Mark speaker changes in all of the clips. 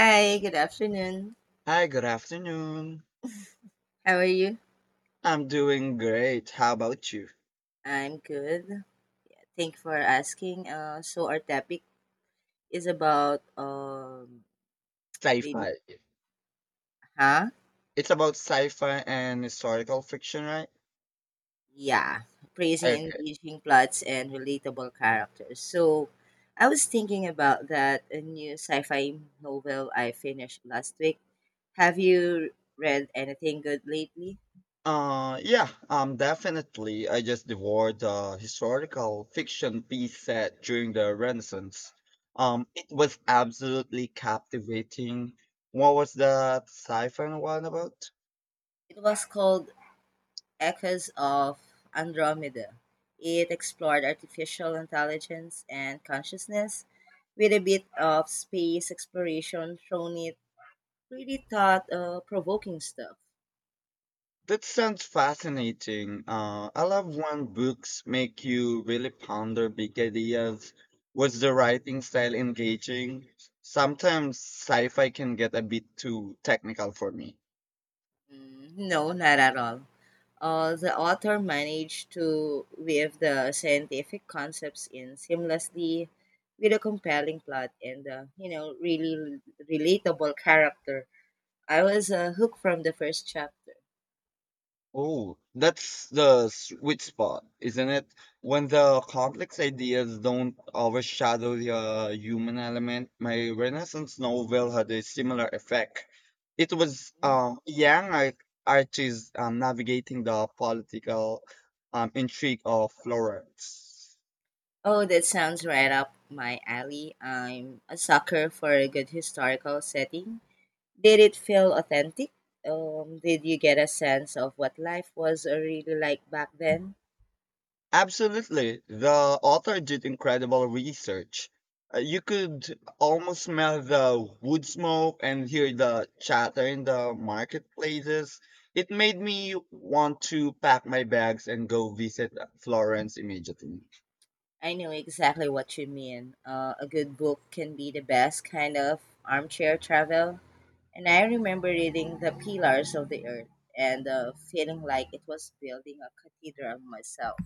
Speaker 1: Hi, good afternoon.
Speaker 2: Hi, good afternoon.
Speaker 1: How are you?
Speaker 2: I'm doing great. How about you?
Speaker 1: I'm good. Thank you for asking. So our topic is about daily,
Speaker 2: Sci-fi.
Speaker 1: huh?
Speaker 2: It's about sci-fi and historical fiction, right?
Speaker 1: Yeah, praising
Speaker 2: Okay.
Speaker 1: engaging plots and relatable characters. So I was thinking about that a new sci-fi novel I finished last week. Have you read anything good lately?
Speaker 2: Yeah, Definitely. I just devoured the historical fiction piece set during the Renaissance. It was absolutely captivating. What was the sci-fi one about?
Speaker 1: It was called Echoes of Andromeda. It explored artificial intelligence and consciousness with a bit of space exploration thrown it pretty thought provoking stuff.
Speaker 2: That sounds fascinating. I love when books make you really ponder big ideas. Was the writing style engaging? Sometimes sci fi can get a bit too technical for me.
Speaker 1: Mm, no, not at all. The author managed to weave the scientific concepts in seamlessly with a compelling plot and really relatable character. I was hooked from the first chapter.
Speaker 2: Oh, that's the sweet spot, isn't it? When the complex ideas don't overshadow the human element. My Renaissance novel had a similar effect. It was young artists navigating the political intrigue of Florence.
Speaker 1: Oh, that sounds right up my alley. I'm a sucker for a good historical setting. Did it feel authentic? Did you get a sense of what life was really like back then?
Speaker 2: Absolutely. The author did incredible research. You could almost smell the wood smoke and hear the chatter in the marketplaces. It made me want to pack my bags and go visit Florence immediately.
Speaker 1: I know exactly what you mean. A good book can be the best kind of armchair travel. And I remember reading The Pillars of the Earth and feeling like it was building a cathedral myself.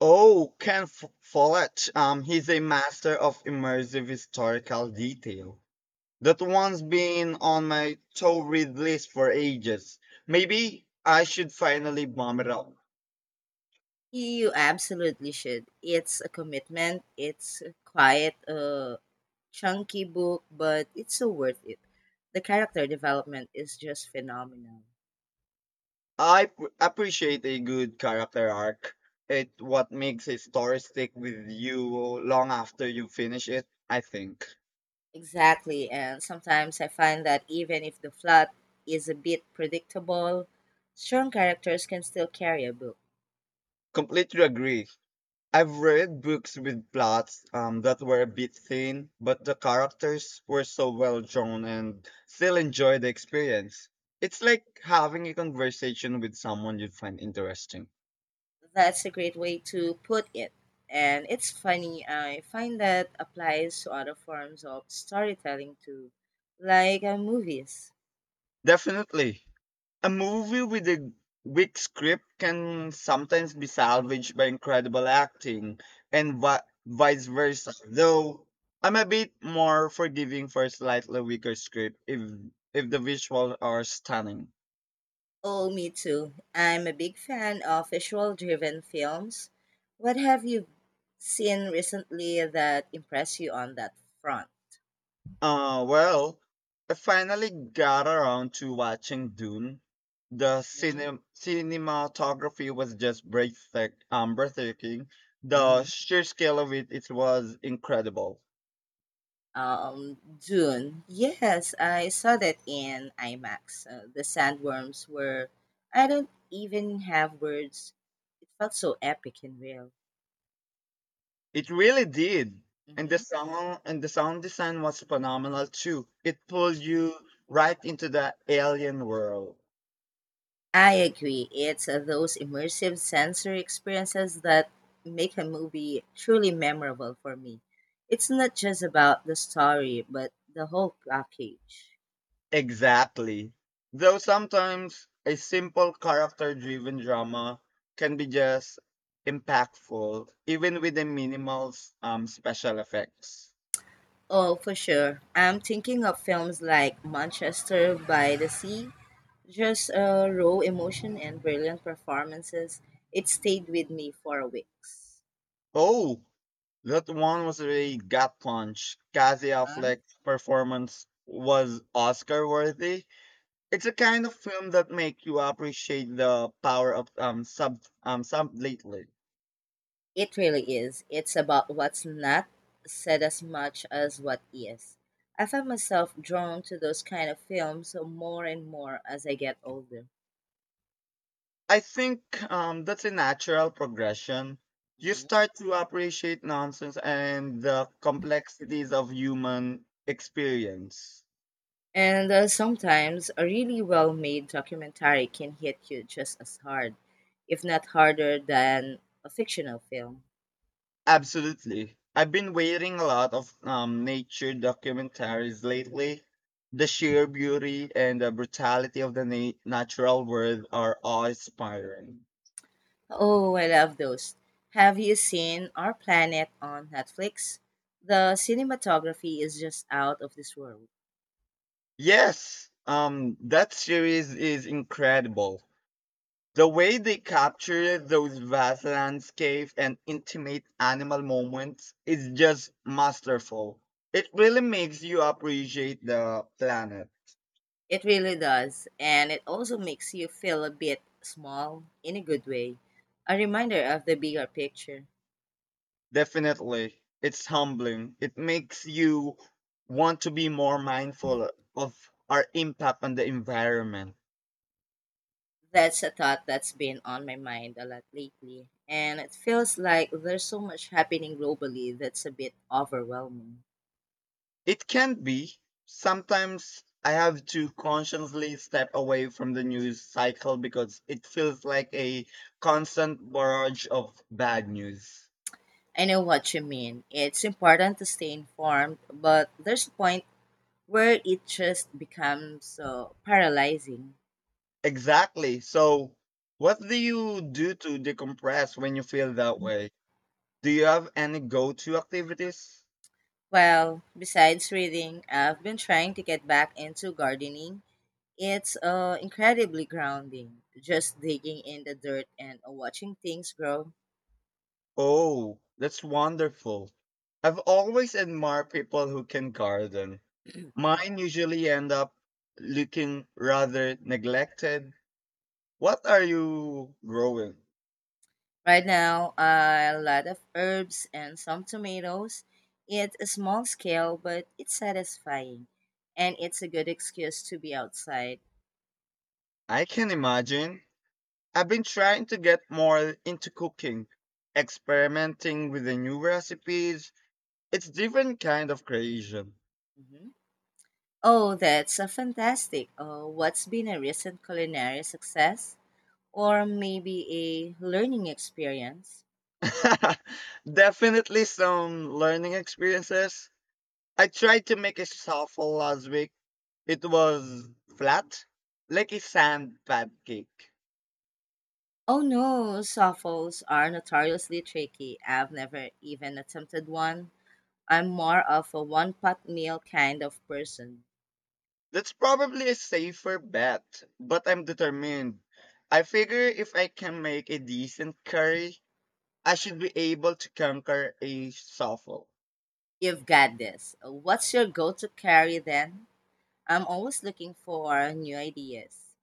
Speaker 2: Oh, Ken Follett. He's a master of immersive historical detail. That one's been on my to read list for ages. Maybe I should finally bomb it up.
Speaker 1: You absolutely should. It's a commitment. It's quiet. Chunky book, but it's so worth it. The character development is just phenomenal.
Speaker 2: I appreciate a good character arc. It what makes a story stick with you long after you finish it, I think.
Speaker 1: Exactly, and sometimes I find that even if the plot is a bit predictable, strong characters can still carry a book.
Speaker 2: Completely agree. I've read books with plots that were a bit thin, but the characters were so well drawn and still enjoy the experience. It's like having a conversation with someone you find interesting.
Speaker 1: That's a great way to put it. And it's funny, I find that applies to other forms of storytelling too, like movies.
Speaker 2: Definitely. A movie with a weak script can sometimes be salvaged by incredible acting and vice versa. Though I'm a bit more forgiving for a slightly weaker script if the visuals are stunning.
Speaker 1: Oh, me too. I'm a big fan of visual driven films. What have you seen recently that impressed you on that front?
Speaker 2: Well, I finally got around to watching Dune. The
Speaker 1: Hmm?
Speaker 2: cinematography was just breathtaking. The
Speaker 1: Mhm.
Speaker 2: sheer scale of it, was incredible.
Speaker 1: Dune. Yes, I saw that in IMAX. The sandworms were, I don't even have words. It felt so epic and real.
Speaker 2: It really did. And the
Speaker 1: Hmm.
Speaker 2: song and the sound design was phenomenal too. It pulled you right into the alien world.
Speaker 1: I agree. It's those immersive sensory experiences that make a movie truly memorable for me. It's not just about the story, but the whole package.
Speaker 2: Exactly. Though sometimes a simple character driven drama can be just impactful, even with the minimal special effects.
Speaker 1: Oh, for sure. I'm thinking of films like Manchester by the Sea. Just raw emotion and brilliant performances. It stayed with me for weeks.
Speaker 2: Oh, that one was really gut punch. Cassie
Speaker 1: Huh?
Speaker 2: Affleck's performance was Oscar worthy. It's a kind of film that make you appreciate the power of sub lately.
Speaker 1: It really is. It's about what's not said as much as what is. I find myself drawn to those kind of films more and more as I get older.
Speaker 2: I think that's a natural progression. You
Speaker 1: Mhm.
Speaker 2: start to appreciate nonsense and the complexities of human experience.
Speaker 1: And sometimes a really well made documentary can hit you just as hard, if not harder, than a fictional film.
Speaker 2: Absolutely. I've been watching a lot of nature documentaries lately. The sheer beauty and the brutality of the natural world are awe-inspiring.
Speaker 1: Oh, I love those. Have you seen Our Planet on Netflix? The cinematography is just out of this world.
Speaker 2: Yes, that series is incredible. The way they capture those vast landscapes and intimate animal moments is just masterful. It really makes you appreciate the planet.
Speaker 1: It really does, and it also makes you feel a bit small in a good way, a reminder of the bigger picture.
Speaker 2: Definitely. It's humbling. It makes you want to be more mindful of our impact on the environment.
Speaker 1: That's a thought that's been on my mind a lot lately, and it feels like there's so much happening globally that's a bit overwhelming.
Speaker 2: It can be. Sometimes I have to consciously step away from the news cycle because it feels like a constant barrage of bad news.
Speaker 1: I know what you mean. It's important to stay informed, but there's a point where it just becomes so paralyzing.
Speaker 2: Exactly. So, what do you do to decompress when you feel that way? Do you have any go to activities?
Speaker 1: Well, besides reading, I've been trying to get back into gardening. It's incredibly grounding, just digging in the dirt and watching things grow.
Speaker 2: Oh, that's wonderful. I've always admired people who can garden. Mine usually end up looking rather neglected. What are you growing?
Speaker 1: Right now, a lot of herbs and some tomatoes. It's a small scale, but it's satisfying, and it's a good excuse to be outside.
Speaker 2: I can imagine. I've been trying to get more into cooking, experimenting with the new recipes. It's different kind of creation.
Speaker 1: Mhm. Oh, that's a fantastic. What's been a recent culinary success, or maybe a learning experience?
Speaker 2: Definitely some learning experiences. I tried to make a souffle last week. It was flat, like a sand pancake.
Speaker 1: Oh no, softballs are notoriously tricky. I've never even attempted one. I'm more of a one pot meal kind of person.
Speaker 2: That's probably a safer bet, but I'm determined. I figure if I can make a decent curry, I should be able to conquer a southall.
Speaker 1: You've got this. What's your go to carry then? I'm always looking for new ideas.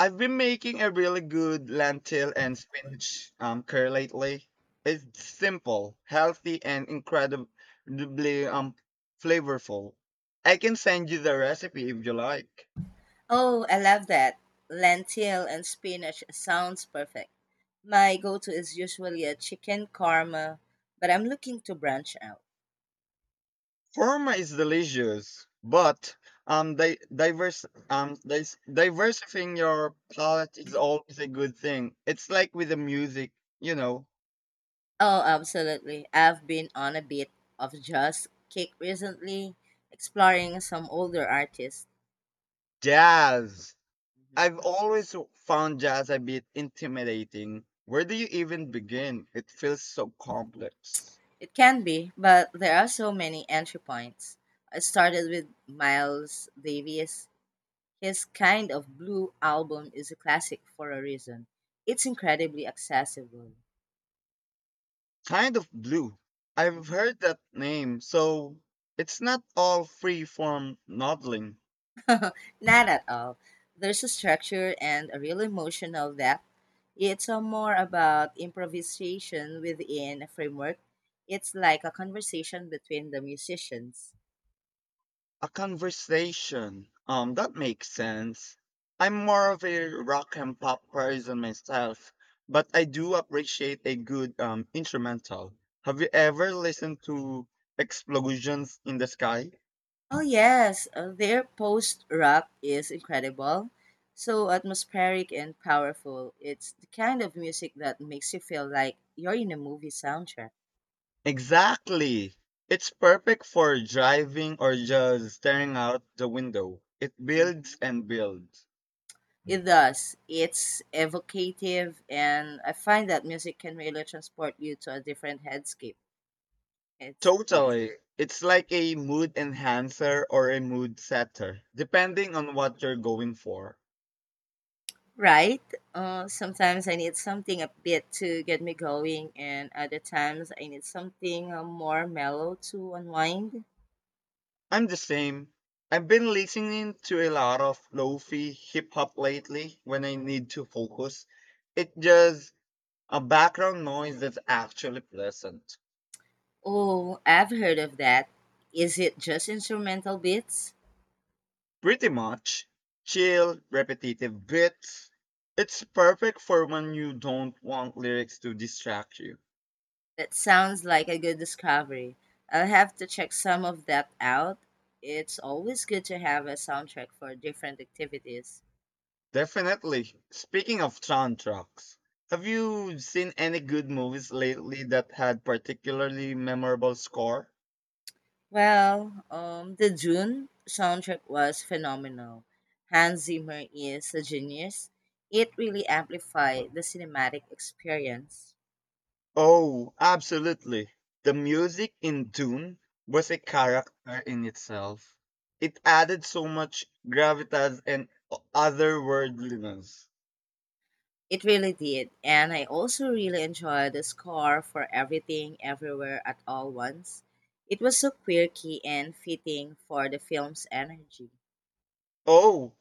Speaker 2: I've been making a really good lentil and spinach curry lately. It's simple, healthy, and incredibly flavorful. I can send you the recipe if you like.
Speaker 1: Oh, I love that. Lentil and spinach sounds perfect. My go to is usually a chicken karma, but I'm looking to branch out.
Speaker 2: Korma is delicious, but diversifying your palate is always a good thing. It's like with the music, you know,
Speaker 1: Oh, absolutely. I've been on a bit of just kick recently, exploring some older artists.
Speaker 2: jazz.
Speaker 1: Mhm.
Speaker 2: I've always found jazz a bit intimidating. Where do you even begin? It feels so complex.
Speaker 1: It can be, but there are so many entry points. I started with Miles Davis. His Kind of Blue album is a classic for a reason. It's incredibly accessible.
Speaker 2: Kind of blue. I've
Speaker 1: Mhm.
Speaker 2: heard that name, so it's not all free form noddling.
Speaker 1: Not at all. There's a structure and a real emotional depth. It's a more about improvisation within a framework. It's like a conversation between the musicians.
Speaker 2: A conversation. That makes sense. I'm more of a rock and pop person myself, but I do appreciate a good instrumental. Have you ever listened to Explosions in the Sky?
Speaker 1: Oh yes, their post rock is incredible. So atmospheric and powerful. It's the kind of music that makes you feel like you're in a movie soundtrack.
Speaker 2: Exactly. It's perfect for driving or just staring out the window. It builds
Speaker 1: Mhm.
Speaker 2: and builds.
Speaker 1: It does. It's evocative, and I find that music can really transport you to a different headscape. Headspace.
Speaker 2: Totally. It's like a mood enhancer or a mood setter, depending on what you're going for.
Speaker 1: Right? Sometimes I need something a bit to get me going, and other times I need something more mellow to unwind.
Speaker 2: I'm the same. I've been listening to a lot of lofi hip hop lately when I need to focus. It's just a background noise that's actually pleasant.
Speaker 1: Oh, I've heard of that. Is it just instrumental beats?
Speaker 2: Pretty much. Chill, repetitive bits. It's perfect for when you don't want lyrics to distract you.
Speaker 1: That sounds like a good discovery. I'll have to check some of that out. It's always good to have a soundtrack for different activities.
Speaker 2: Definitely. Speaking of soundtracks, have you seen any good movies lately that had particularly memorable score?
Speaker 1: Well, the Dune soundtrack was phenomenal. Hans Zimmer is a genius. It really amplified the cinematic experience.
Speaker 2: Oh, absolutely. The music in Dune was a
Speaker 1: Mm-hmm.
Speaker 2: character in itself. It added so much gravitas and otherworldliness.
Speaker 1: It really did. And I also really enjoyed the score for Everything Everywhere at All Once. It was so quirky and fitting for the film's energy.
Speaker 2: Oh,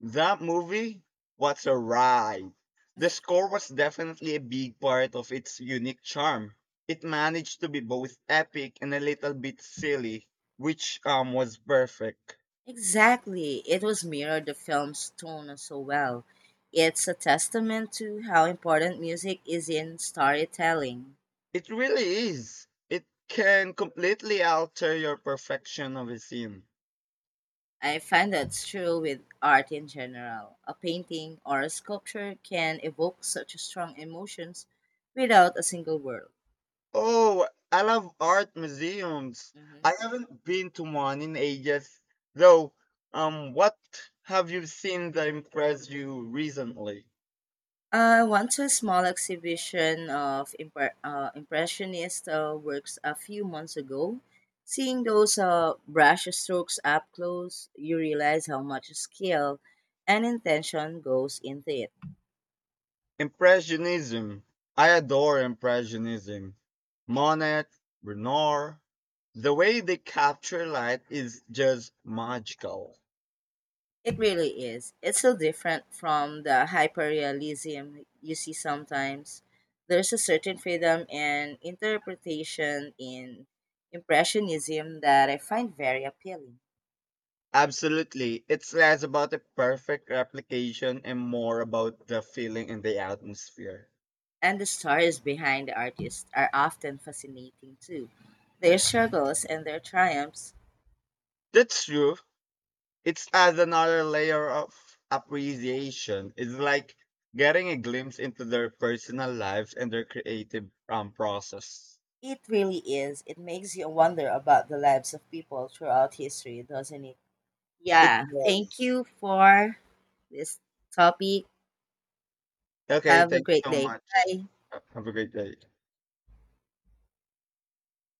Speaker 2: that movie. What's a ride. The score was definitely a big part of its unique charm. It managed to be both epic and a little bit silly, which was perfect.
Speaker 1: Exactly. It was mirrored the film's tone so well. It's a testament to how important music is in storytelling.
Speaker 2: It really is. It can completely alter your perfection of a scene.
Speaker 1: I find that's true with art in general. A painting or a sculpture can evoke such strong emotions without a single word.
Speaker 2: Oh, I love art museums.
Speaker 1: Mhm.
Speaker 2: I haven't been to one in ages. Though, what have you seen that impressed you recently?
Speaker 1: I went to a small exhibition of impressionist works a few months ago. Seeing those brush strokes up close, you realize how much skill and intention goes into it.
Speaker 2: Impressionism. I adore Impressionism. Monet, Renoir. The way they capture light is just magical.
Speaker 1: It really is. It's so different from the hyperrealism you see sometimes. There's a certain freedom and interpretation in impressionism that I find very appealing.
Speaker 2: Absolutely. It's less about the perfect replication and more about the feeling and the admosphere.
Speaker 1: And the stories behind the artists are often fascinating too. Their struggles and their triumphs.
Speaker 2: That's true. It adds another layer of appreciation. It's like getting a glimpse into their personal lives and their creative process.
Speaker 1: It really is. It makes you wonder about the lives of people throughout history, doesn't it?
Speaker 2: It
Speaker 1: Yeah.
Speaker 2: was.
Speaker 1: Thank you for this topic.
Speaker 2: Okay,
Speaker 1: Have a
Speaker 2: thanks
Speaker 1: great
Speaker 2: so
Speaker 1: day.
Speaker 2: much.
Speaker 1: Bye.
Speaker 2: Have a great day.